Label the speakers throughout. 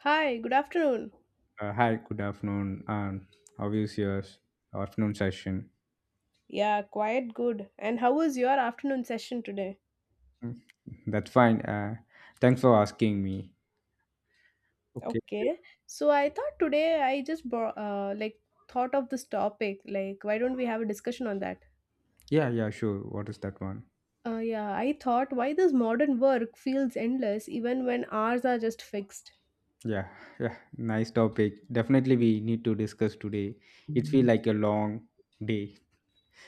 Speaker 1: Hi, good afternoon.
Speaker 2: Hi, good afternoon. How is your afternoon session?
Speaker 1: Yeah, quite good. And how was your afternoon session today?
Speaker 2: Mm, That's fine. Thanks for asking me. Okay.
Speaker 1: Okay. So I thought today I just like thought of this topic. Like, why don't we have a discussion on that?
Speaker 2: Yeah, yeah, sure. What is that one?
Speaker 1: Yeah, I thought why this modern work feels endless even when hours are just fixed.
Speaker 2: Yeah, yeah. Nice topic. Definitely, we need to discuss today. It feel like a long day.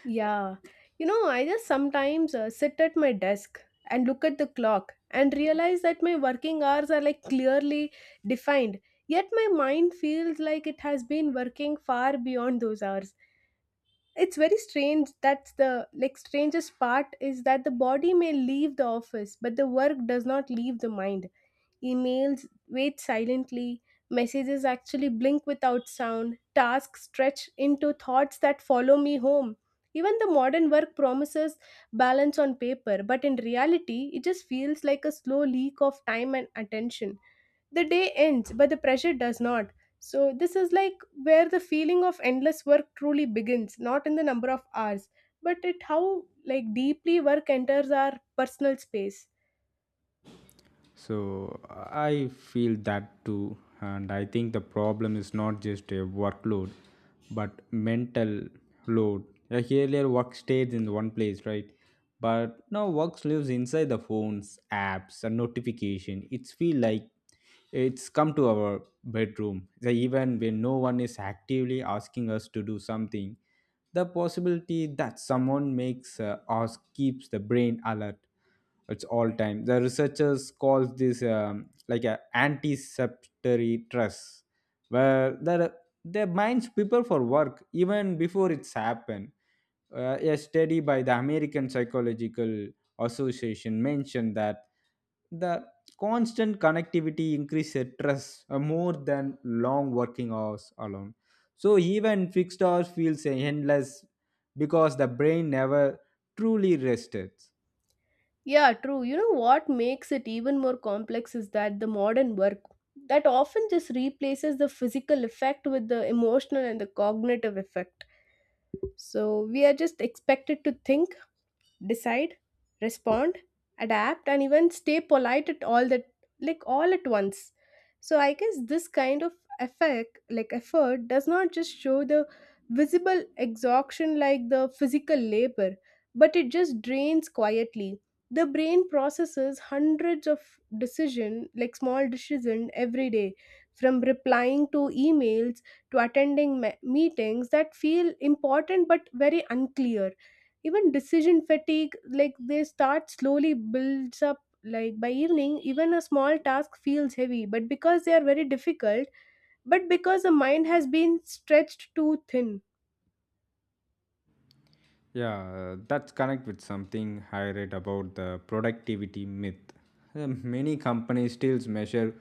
Speaker 1: Yeah. You know, I just sometimes sit at my desk and look at the clock and realize that my working hours are like clearly defined. Yet my mind feels like it has been working far beyond those hours. It's very strange that's the like strangest part is that the body may leave the office, but the work does not leave the mind. Emails wait silently. Messages actually blink without sound. Tasks stretch into thoughts that follow me home. Even the modern work promises balance on paper, but in reality, it just feels like a slow leak of time and attention. The day ends, but the pressure does not. So, this is like where the feeling of endless work truly begins, not in the number of hours, but it how like deeply work enters our personal space.
Speaker 2: So I feel that too, and I think the problem is not just a workload, but mental load. Like earlier, work stayed in one place, right? But now work lives inside the phones, apps, and notification. It's feel like it's come to our bedroom. So even when no one is actively asking us to do something, the possibility that someone makes us keeps the brain alert it's all time. The researchers call this like a anticeptory stress where their minds prepare for work even before it's happened. A study by the american psychological association mentioned that the constant connectivity increases stress more than long working hours alone, so even fixed hours feels endless because the brain never truly rested.
Speaker 1: Yeah, true. You know what makes it even more complex is that the modern work that often just replaces the physical effect with the emotional and the cognitive effect. So we are just expected to think, decide, respond, adapt, and even stay polite at all that like all at once. So I guess this kind of effect like effort does not just show the visible exhaustion like the physical labor, but it just drains quietly. The brain processes hundreds of decision like small decision every day, from replying to emails to attending meetings that feel important but very unclear. Even decision fatigue like they start slowly builds up like by evening, even a small task feels heavy, but because they are very difficult, but because the mind has been stretched too thin.
Speaker 2: Yeah, that's connect with something I read about the productivity myth. Many companies still measure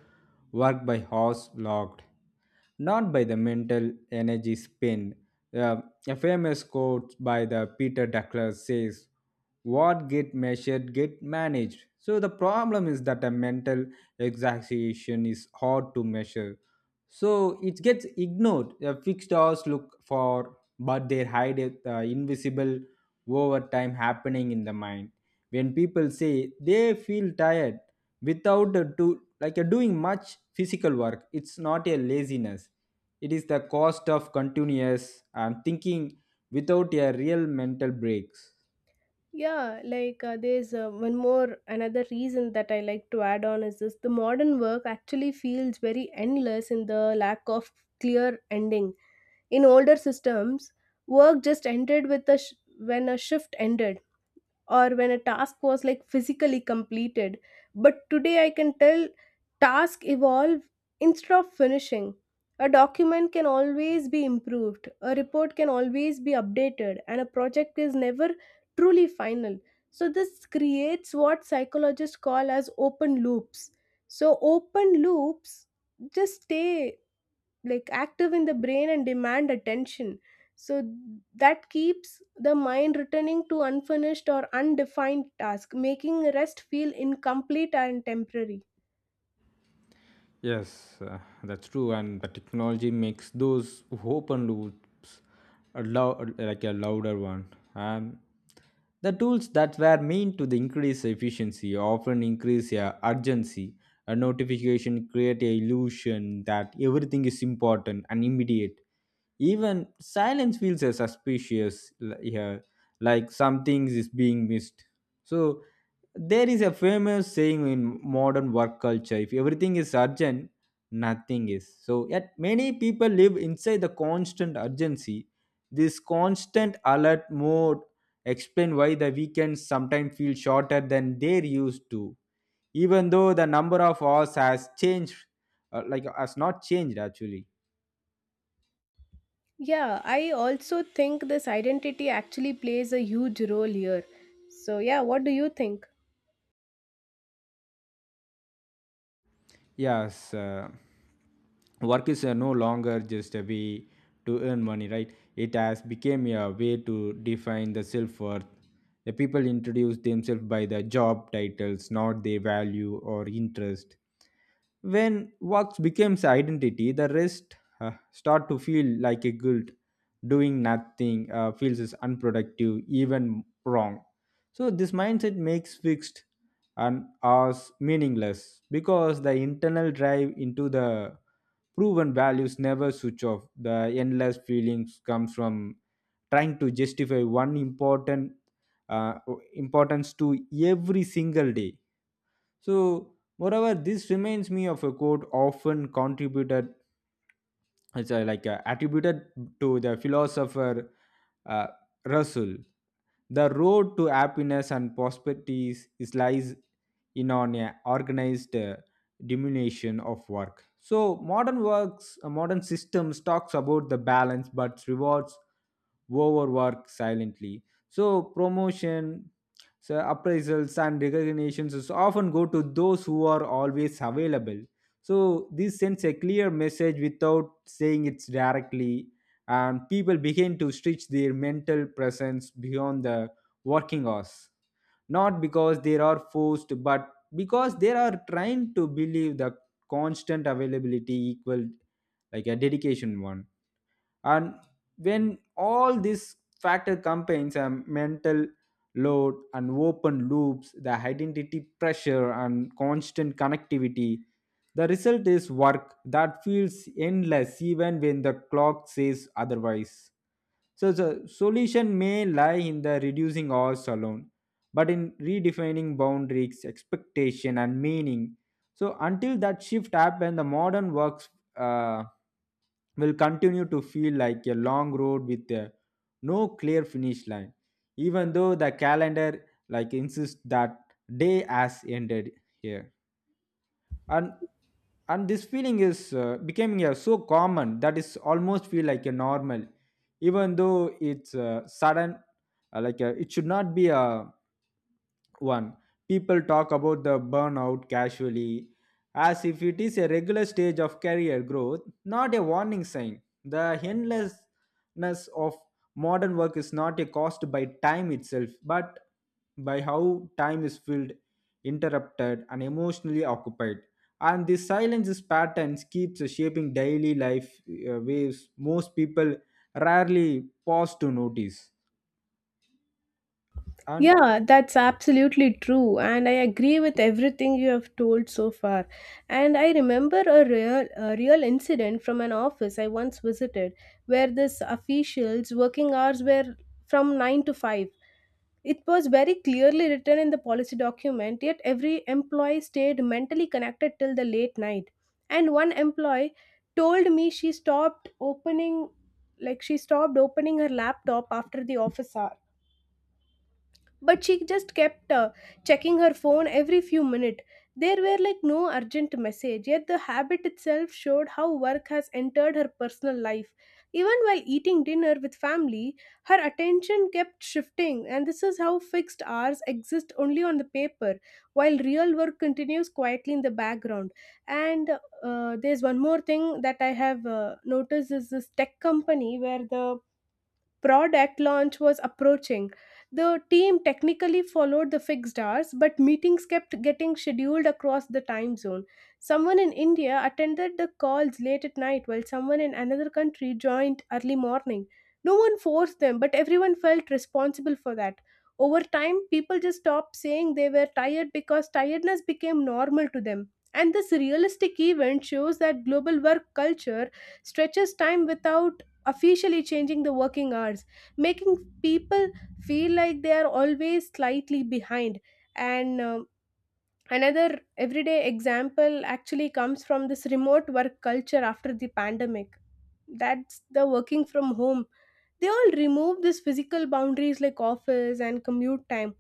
Speaker 2: work by hours logged, not by the mental energy spent. Uh, a famous quote by the Peter Douglas says, "What get measured get managed." So the problem is that a mental exhaustion is hard to measure, so it gets ignored. Fixed hours look for, but they hide it, invisible over time happening in the mind. When people say they feel tired without a do, like a doing much physical work, it's not a laziness, it is the cost of continuous thinking without a real mental breaks.
Speaker 1: Yeah, like there's one more another reason that I like to add on is this, the modern work actually feels very endless in the lack of clear ending. In older systems, work just ended with a when a shift ended or when a task was like physically completed, but today I can tell task evolve instead of finishing. A document can always be improved, a report can always be updated, and a project is never truly final. So this creates what psychologists call as open loops. So open loops just stay like active in the brain and demand attention. So that keeps the mind returning to unfinished or undefined task, making rest feel incomplete and temporary.
Speaker 2: Yes, that's true, and the technology makes those open loops like a louder one. And the tools that were meant to the increase efficiency often increase urgency. A notification create a illusion that everything is important and immediate. Even silence feels suspicious here, like something is being missed. So there is a famous saying in modern work culture: if everything is urgent, nothing is. So yet many people live inside the constant urgency. This constant alert mode explain why the weekends sometimes feel shorter than they're used to, even though the number of hours has changed, like has not changed actually.
Speaker 1: Yeah, I also think this identity actually plays a huge role here. So yeah, what do you think?
Speaker 2: Yes. Work is no longer just a way to earn money, right? It has become a way to define the self-worth. The people introduce themselves by the job titles, not their value or interest. When works becomes identity, the rest start to feel like a guilt. Doing nothing feels is unproductive, even wrong. So this mindset makes fixed and us meaningless because the internal drive into the proven values never switch off. The endless feelings comes from trying to justify one important uh, importance to every single day. So, moreover, this reminds me of a quote often contributed, it's attributed to the philosopher uh, Russell. The road to happiness and prosperity is, lies in an organized diminution of work. So modern works, modern systems talks about the balance but rewards overwork silently. So promotion, so appraisals and recognitions is often go to those who are always available. So this sends a clear message without saying it directly, and people begin to stretch their mental presence beyond the working hours, not because they are forced but because they are trying to believe the constant availability equal like a dedication one. And when all these factor combines a mental load and open loops, the identity pressure and constant connectivity, the result is work that feels endless even when the clock says otherwise. So the solution may lie in the reducing hours alone, but in redefining boundaries, expectation, and meaning. So until that shift happens, the modern work uh, will continue to feel like a long road with no clear finish line, even though the calendar like insists that day has ended here. And and this feeling is becoming so common that is almost feel like a normal, even though it's sudden, it should not be a one. People talk about the burnout casually as if it is a regular stage of career growth, not a warning sign. The endlessness of modern work is not a cost by time itself, but by how time is filled, interrupted and emotionally occupied. And this silence patterns keeps shaping daily life, waves most people rarely pause to notice. And
Speaker 1: Yeah, that's absolutely true, and I agree with everything you have told so far. And I remember a real incident from an office I once visited, where this official's working hours were from 9 to 5. It was very clearly written in the policy document, yet every employee stayed mentally connected till the late night. And one employee told me she stopped opening, like she stopped opening her laptop after the office hour, but she just kept checking her phone every few minutes. There were like no urgent message, yet the habit itself showed how work has entered her personal life. Even while eating dinner with family, her attention kept shifting, and this is how fixed hours exist only on the paper, while real work continues quietly in the background. And there's one more thing that I have noticed is this tech company where the product launch was approaching. The team technically followed the fixed hours, but meetings kept getting scheduled across the time zone. Someone in India attended the calls late at night, while someone in another country joined early morning. No one forced them, but everyone felt responsible for that. Over time, people just stopped saying they were tired because tiredness became normal to them. And this realistic event shows that global work culture stretches time without officially changing the working hours, making people feel like they are always slightly behind. And another everyday example actually comes from this remote work culture after the pandemic. That's the working from home. They all remove these physical boundaries like office and commute time.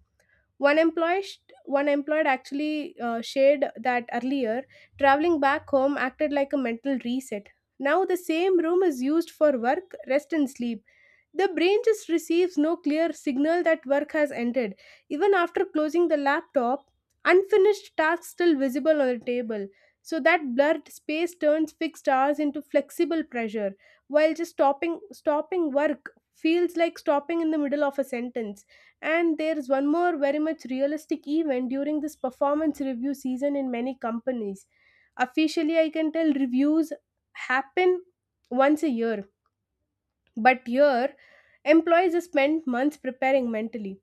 Speaker 1: One employee, one employed actually shared that earlier, traveling back home acted like a mental reset. Now the same room is used for work, rest, and sleep. The brain just receives no clear signal that work has ended. Even after closing the laptop, unfinished tasks still visible on the table. So that blurred space turns fixed hours into flexible pressure, while just stopping work feels like stopping in the middle of a sentence. And there's one more very much realistic event during this performance review season in many companies. Officially, I can tell reviews happen once a year, but here employees spend months preparing mentally.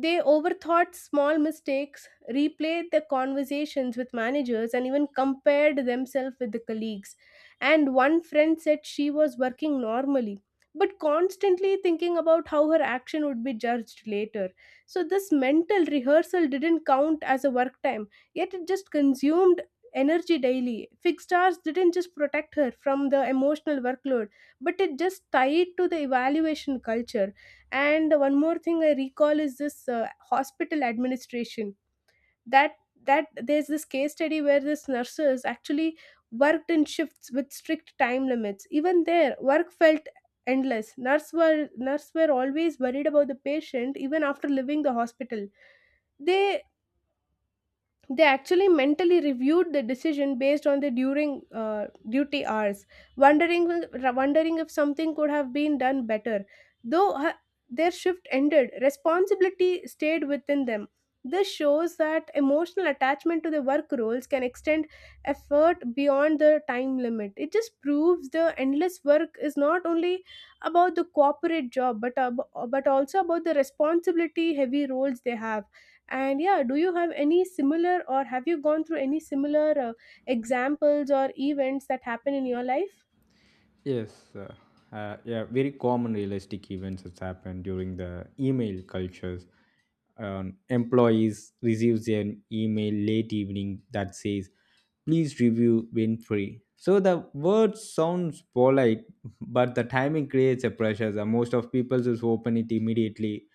Speaker 1: They overthought small mistakes, replayed the conversations with managers, and even compared themselves with the colleagues. And one friend said she was working normally, but constantly thinking about how her action would be judged later. So, this mental rehearsal didn't count as a work time, yet it just consumed energy daily. Fixed hours didn't just protect her from the emotional workload, but it just tied to the evaluation culture. And one more thing I recall is this hospital administration, that that there's this case study where this nurses actually worked in shifts with strict time limits, even their work felt endless. Nurse were always worried about the patient even after leaving the hospital. They they actually mentally reviewed the decision based on the during duty hours, wondering wondering if something could have been done better. Though their shift ended, responsibility stayed within them. This shows that emotional attachment to the work roles can extend effort beyond the time limit. It just proves the endless work is not only about the corporate job, but but also about the responsibility heavy roles they have. And yeah, do you have any similar or have you gone through any similar examples or events that happen in your life?
Speaker 2: yes, yeah, very common realistic events that's happened during the email cultures. Employees receives an email late evening that says, "Please review when free." So the word sounds polite, but the timing creates a pressure. The most of people just open it immediately,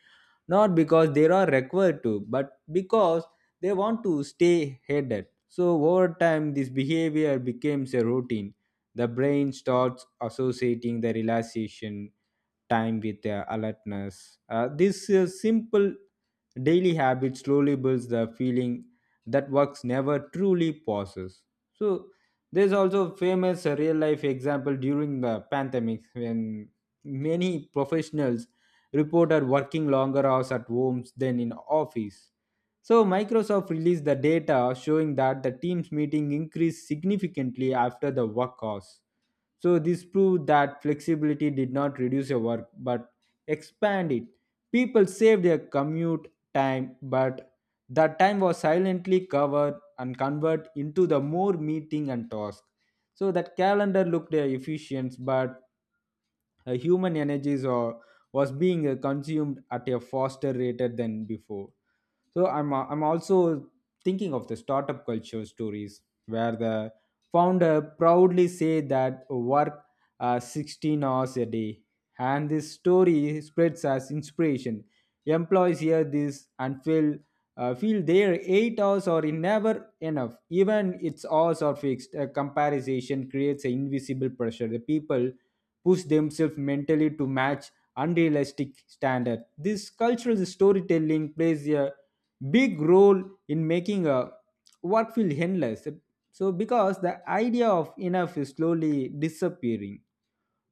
Speaker 2: not because they are required to, but because they want to stay headed. So over time, this behavior becomes a routine. The brain starts associating the relaxation time with alertness. This simple daily habit slowly builds the feeling that works never truly pauses. So there's also famous real life example during the pandemic when many professionals reported working longer hours at homes than in office. So Microsoft released the data showing that the team's meeting increased significantly after the work hours. So this proved that flexibility did not reduce your work but expand it. People saved their commute time, but that time was silently covered and converted into the more meeting and task. So that calendar looked efficient, but human energies or was being consumed at a faster rate than before. So I'm also thinking of the startup culture stories where the founder proudly say that work 16 hours a day, and this story spreads as inspiration. Employees hear this and feel their 8 hours are never enough. Even its odds are fixed, a comparison creates an invisible pressure. The people push themselves mentally to match unrealistic standard. This cultural storytelling plays a big role in making a work feel endless, so because the idea of enough is slowly disappearing.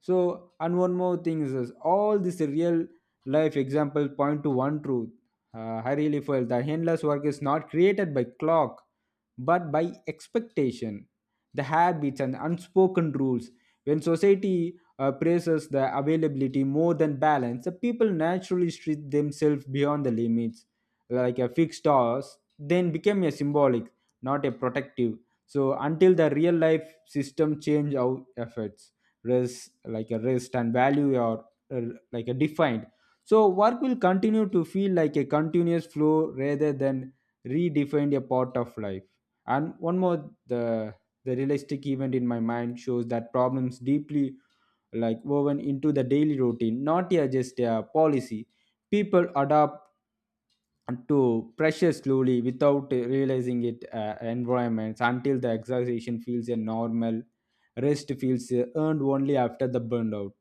Speaker 2: So, and one more thing is this, all these real life examples point to one truth. I really felt that endless work is not created by clock, but by expectation, the habits and unspoken rules. When society praises the availability more than balance, the people naturally stretch themselves beyond the limits. Like a fixed hours, then became a symbolic, not a protective. So until the real life system change our efforts rest, like a rest and value are uh, like a defined, so work will continue to feel like a continuous flow rather than redefined a part of life. And one more, the realistic event in my mind shows that problems deeply like woven into the daily routine, not yeah, just a policy. People adapt to pressure slowly without realizing it, environments, until the exhaustion feels a normal, rest feels earned only after the burnout.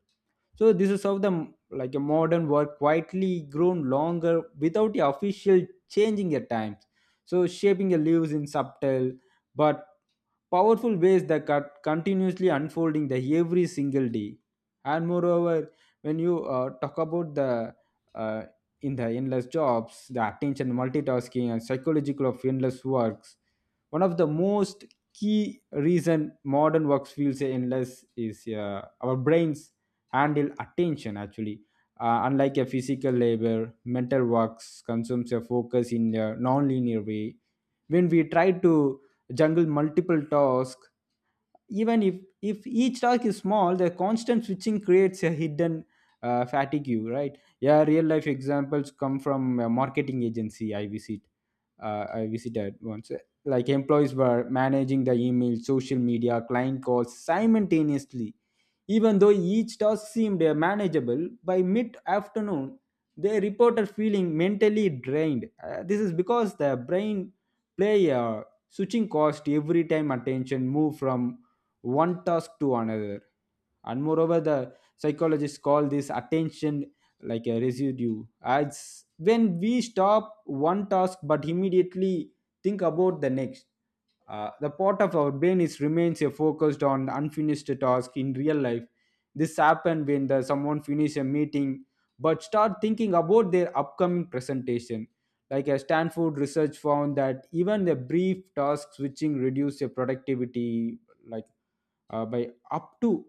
Speaker 2: So this is how the like a modern work quietly grown longer without the official changing at times. So shaping the leaves in subtle but powerful ways that are continuously unfolding the every single day. And moreover, when you talk about the uh, in the endless jobs, the attention, multitasking, and psychological of endless works, one of the most key reason modern works feels endless is our brains handle attention actually unlike a physical labor. Mental works consumes a focus in a non-linear way. When we try to juggle multiple tasks, even if each task is small, the constant switching creates a hidden fatigue, right? Yeah, real life examples come from a marketing agency I visited once. Like employees were managing the email, social media, client calls simultaneously. Even though each task seemed manageable, by mid afternoon, they reported feeling mentally drained. This is because the brain play a switching cost every time attention move from one task to another. And moreover, the psychologists call this attention like a residue. As when we stop one task but immediately think about the next the part of our brain is remains focused on unfinished task in real life. This happen when the, someone finish a meeting but start thinking about their upcoming presentation. Like a Stanford research found that even a brief task switching reduce your productivity like by up to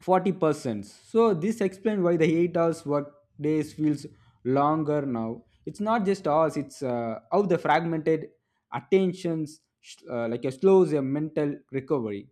Speaker 2: 40%. So this explains why the 8 hours work days feels longer now. It's not just us, it's how the fragmented attentions like a slows a mental recovery.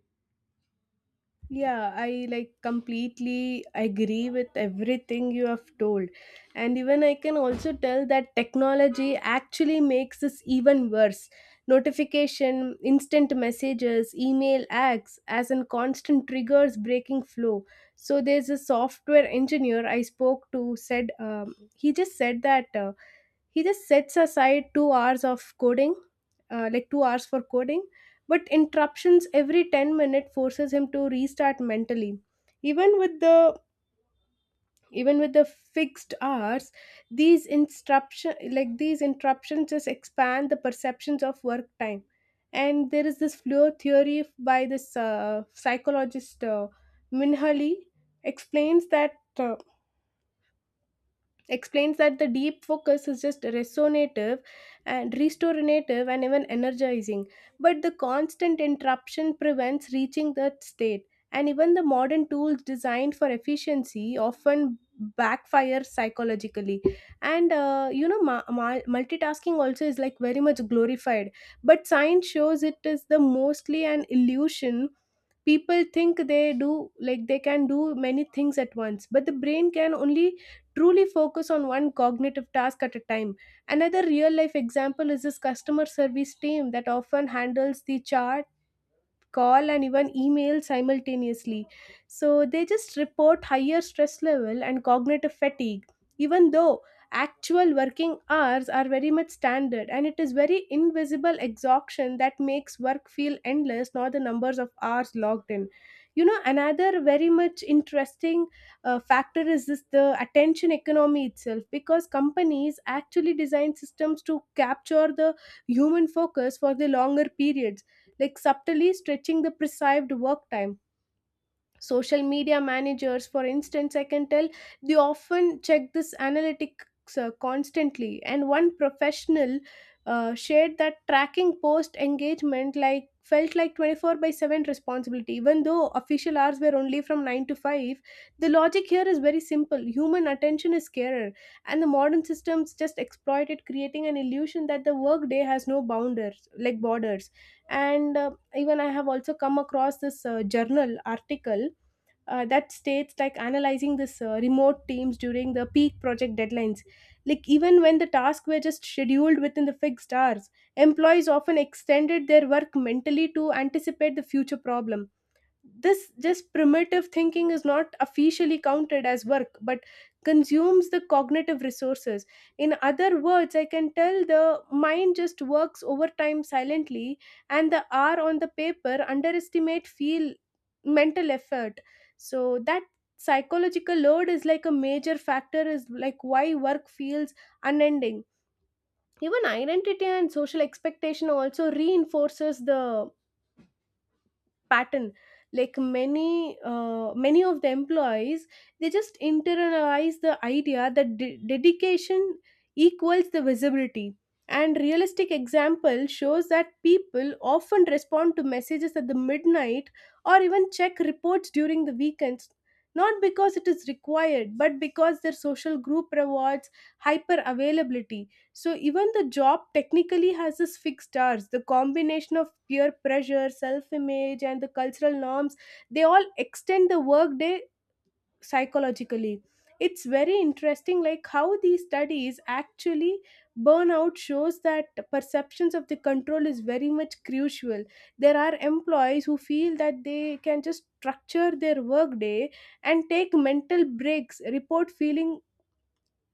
Speaker 1: Yeah, I like completely agree with everything you have told. And even I can also tell that technology actually makes this even worse. Notification, instant messages, email acts as in constant triggers breaking flow. So there's a software engineer I spoke to said he just said that he just sets aside 2 hours of coding like 2 hours for coding, but interruptions every 10 minutes forces him to restart mentally. Even with the even with the fixed hours, these interruption like these interruptions just expand the perceptions of work time. And there is this flow theory by this psychologist minhali explains that uh, explains that the deep focus is just resonative and restorative and even energizing, but the constant interruption prevents reaching that state. And even the modern tools designed for efficiency often backfire psychologically. And you know, multitasking also is like very much glorified, but science shows it is the mostly an illusion. People think they do like they can do many things at once, but the brain can only truly focus on one cognitive task at a time. Another real life example is this customer service team that often handles the char call and even email simultaneously. So they just report higher stress level and cognitive fatigue, even though actual working hours are very much standard. And it is very invisible exhaustion that makes work feel endless, not the numbers of hours logged in. You know, another very much interesting factor is this the attention economy itself, because companies actually design systems to capture the human focus for the longer periods, like subtly stretching the prescribed work time. Social media managers, for instance, I can tell, they often check this analytics constantly. And one professional shared that tracking post engagement like felt like 24 by 7 responsibility, even though official hours were only from 9 to 5. The logic here is very simple, human attention is scarce, and the modern systems just exploit it, creating an illusion that the workday has no bounders like borders. And even I have also come across this journal article that states like analyzing this remote teams during the peak project deadlines, like even when the tasks were just scheduled within the fixed hours, employees often extended their work mentally to anticipate the future problem. This just primitive thinking is not officially counted as work but consumes the cognitive resources. In other words, I can tell the mind just works overtime silently, and the r on the paper underestimate feel mental effort. So that psychological load is like a major factor is like why work feels unending. Even identity and social expectation also reinforces the pattern. Like many many of the employees, they just internalize the idea that dedication equals the visibility. And realistic example shows that people often respond to messages at the midnight or even check reports during the weekends, not because it is required but because their social group rewards hyper availability. So even the job technically has its fixed hours, the combination of peer pressure, self-image, and the cultural norms, they all extend the workday psychologically. It's very interesting like how these studies actually burnout shows that perceptions of the control is very much crucial. There are employees who feel that they can just structure their workday and take mental breaks, report feeling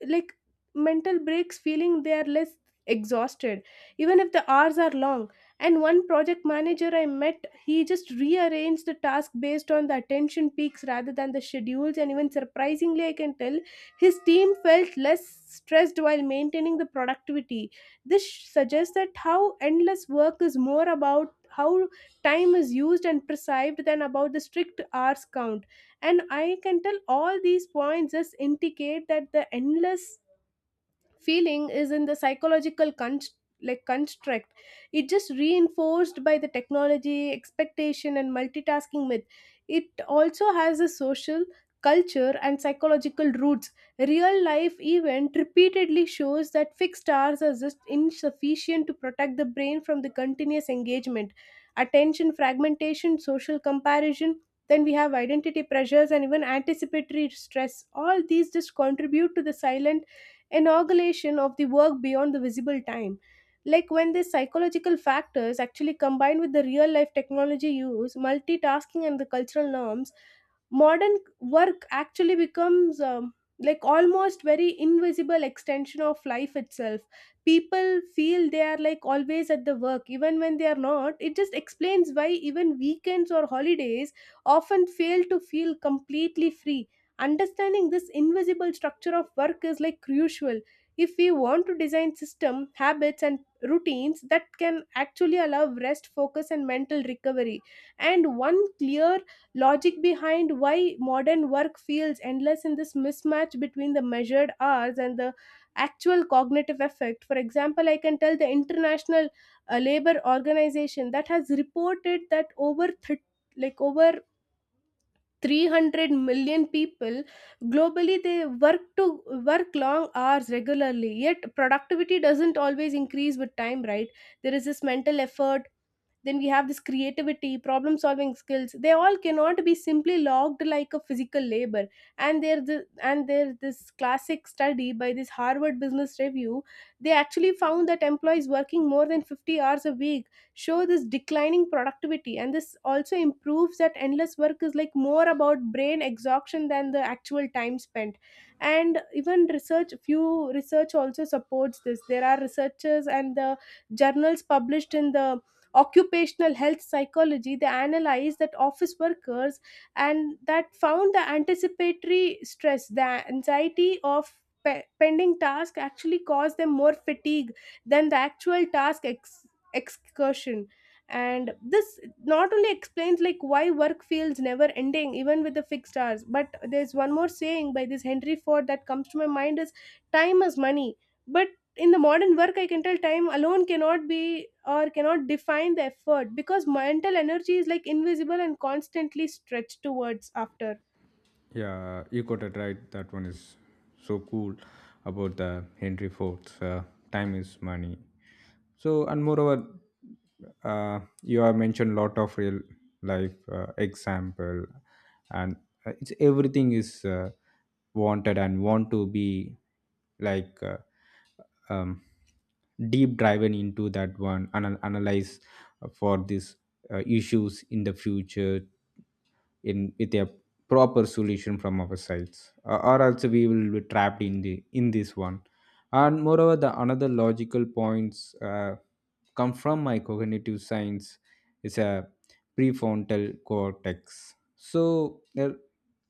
Speaker 1: like mental breaks, feeling they are less exhausted even if the hours are long. And one project manager I met, he just rearranged the task based on the attention peaks rather than the schedules, and even surprisingly, I can tell his team felt less stressed while maintaining the productivity. This suggests that how endless work is more about how time is used and perceived than about the strict hours count. And I can tell all these points just indicate that the endless feeling is in the psychological like construct. It just reinforced by the technology expectation and multitasking myth. It also has a social culture and psychological roots. Real life event repeatedly shows that fixed hours are just insufficient to protect the brain from the continuous engagement. Attention fragmentation, social comparison, then we have identity pressures and even anticipatory stress, all these just contribute to the silent inauguration of the work beyond the visible time. Like when these psychological factors actually combine with the real life technology use, multitasking, and the cultural norms, modern work actually becomes like almost very invisible extension of life itself. People feel they are like always at the work even when they are not. It just explains why even weekends or holidays often fail to feel completely free. Understanding this invisible structure of work is like crucial if we want to design system habits and routines that can actually allow rest focus and mental recovery. And one clear logic behind why modern work feels endless in this mismatch between the measured hours and the actual cognitive effect. For example, I can tell the international labor organization that has reported that like over 300 million people globally, they work to work long hours regularly, yet productivity doesn't always increase with time, right? There is this mental effort, then we have this creativity problem solving skills, they all cannot be simply logged like a physical labor. And and there's this classic study by this Harvard Business Review. They actually found that employees working more than 50 hours a week show this declining productivity, and this also improves that endless work is like more about brain exhaustion than the actual time spent. And even research, few research also supports this. There are researchers and the journals published in the occupational health psychology, they analyzed that office workers and that found the anticipatory stress, the anxiety of pending task actually caused them more fatigue than the actual task excursion. And this not only explains like why work feels never ending even with the fixed hours, but there's one more saying by this Henry Ford that comes to my mind is time is money. But in the modern work, I can tell time alone cannot be or cannot define the effort because mental energy is like invisible and constantly stretched towards after.
Speaker 2: Yeah, you got it right. That one is so cool about the Henry Ford's time is money. So, and moreover, you have mentioned lot of real life example, and it's everything is wanted and want to be like um, deep driven into that one, and analyze for these issues in the future in with a proper solution from our sides or else we will be trapped in the in this one, and moreover the another logical points come from my cognitive science is a prefrontal cortex, so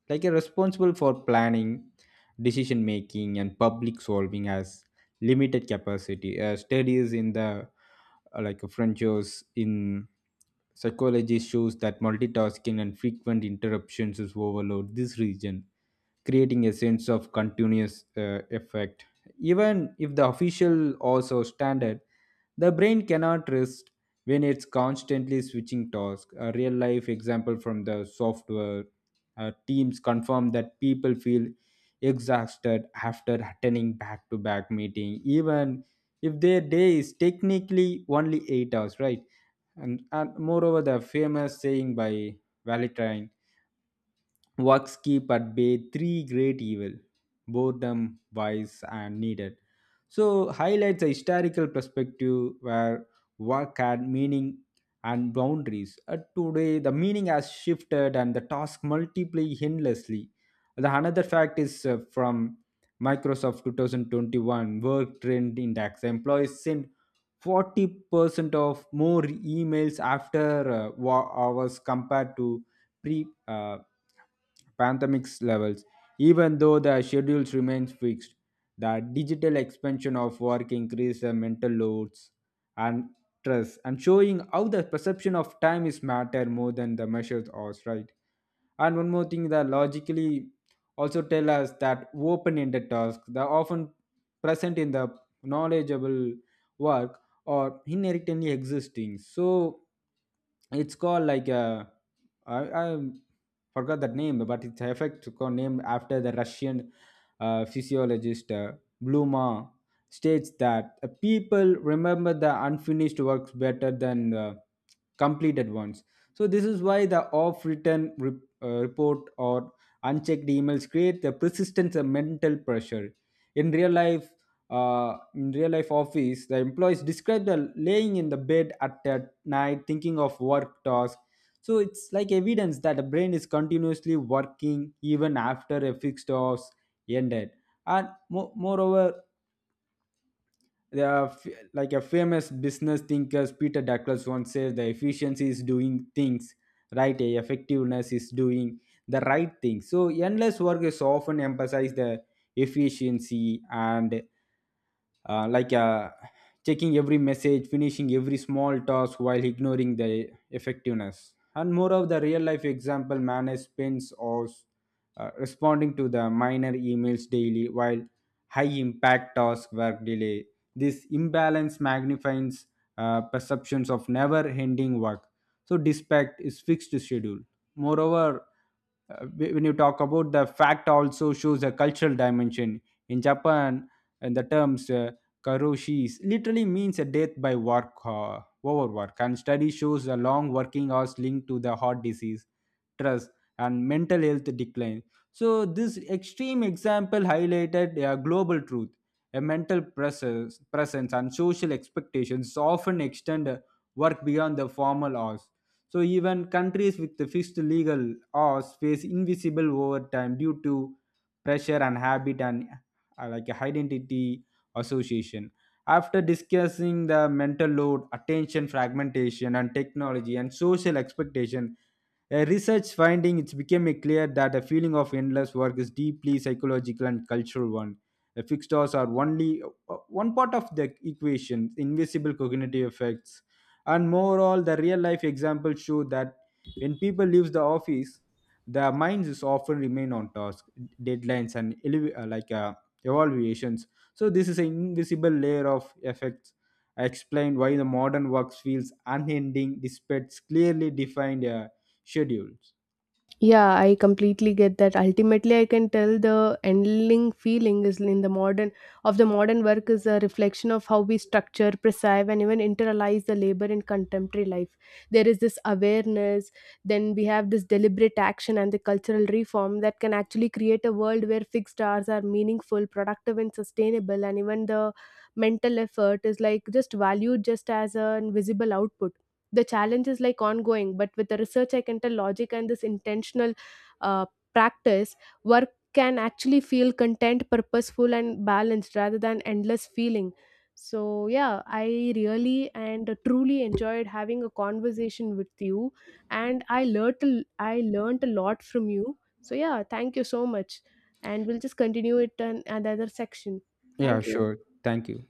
Speaker 2: like a responsible for planning, decision making and public solving has limited capacity. Uh, studies in the like Frenchos in Psychology shows that multitasking and frequent interruptions is overload this region, creating a sense of continuous effect. Even if the official also standard, the brain cannot rest when it's constantly switching tasks. A real life example from the software teams confirm that people feel exhausted after attending back to back meeting, even if their day is technically only 8 hours, right? And moreover the famous saying by valentine, works keep at bay three great evil, boredom, vice, and needed. So highlights a historical perspective where work had meaning and boundaries. Today, the meaning has shifted and the task multiply endlessly. The another fact is from Microsoft 2021 work trend index. Employees send 40% of more emails after hours compared to pre pandemic levels, even though the schedules remains fixed. The digital expansion of work increased the mental loads and stress, and showing how the perception of time is matter more than the measures are, right? And one more thing that logically also tell us that open-ended tasks that are often present in the knowledgeable work or inherently existing. So it's called like a I forgot that name, but it's effect named after the Russian physiologist Bluma, states that people remember the unfinished works better than the completed ones. So this is why the off-written report or unchecked emails create the persistence and mental pressure. In real life, in real life office, the employees describe the laying in the bed at night thinking of work tasks, so it's like evidence that the brain is continuously working even after a fixed hours ended. And moreover, the, uh, f- like a famous business thinkers Peter Douglas once says, the efficiency is doing things right, eh, effectiveness is doing the right thing. So endless work is often emphasized the efficiency and uh, like uh, checking every message, finishing every small task while ignoring the effectiveness. And more of the real life example, manage spends or responding to the minor emails daily while high impact task work delay. This imbalance magnifies perceptions of never ending work. So, dispatch is fixed schedule. Moreover, uh, when you talk about the fact also shows a cultural dimension in japan, and the terms karoshis literally means a death by work overwork, and study shows the long working hours linked to the heart disease, stress and mental health decline. So this extreme example highlighted a global truth, a mental presence, presence and social expectations often extend work beyond the formal hours. So even countries with the fixed legal hours face invisible overtime due to pressure and habit and like identity association. After discussing the mental load, attention fragmentation, and technology and social expectation, a research finding it's became clear that the feeling of endless work is deeply psychological and cultural one. The fixed hours are only one part of the equation, invisible cognitive effects, and moreover the real life examples show that when people leave the office, their minds is often remain on task deadlines and evaluations. So this is an invisible layer of effects. I explained why the modern work feels unending despite clearly defined schedules.
Speaker 1: Yeah, I completely get that. Ultimately, I can tell the ending feeling is in the modern of the modern work is a reflection of how we structure, preserve, and even internalize the labor in contemporary life. There is this awareness, then we have this deliberate action and the cultural reform that can actually create a world where fixed hours are meaningful, productive, and sustainable, and even the mental effort is like just valued just as an visible output. The challenge is like ongoing, but with the research, I can tell logic and this intentional uh, practice, work can actually feel content purposeful and balanced rather than endless feeling. So yeah, I really and truly enjoyed having a conversation with you, and I learnt a lot from you. So yeah, thank you so much. And we'll just continue it in another section.
Speaker 2: Yeah,
Speaker 1: Thank you.
Speaker 2: sure. Thank you.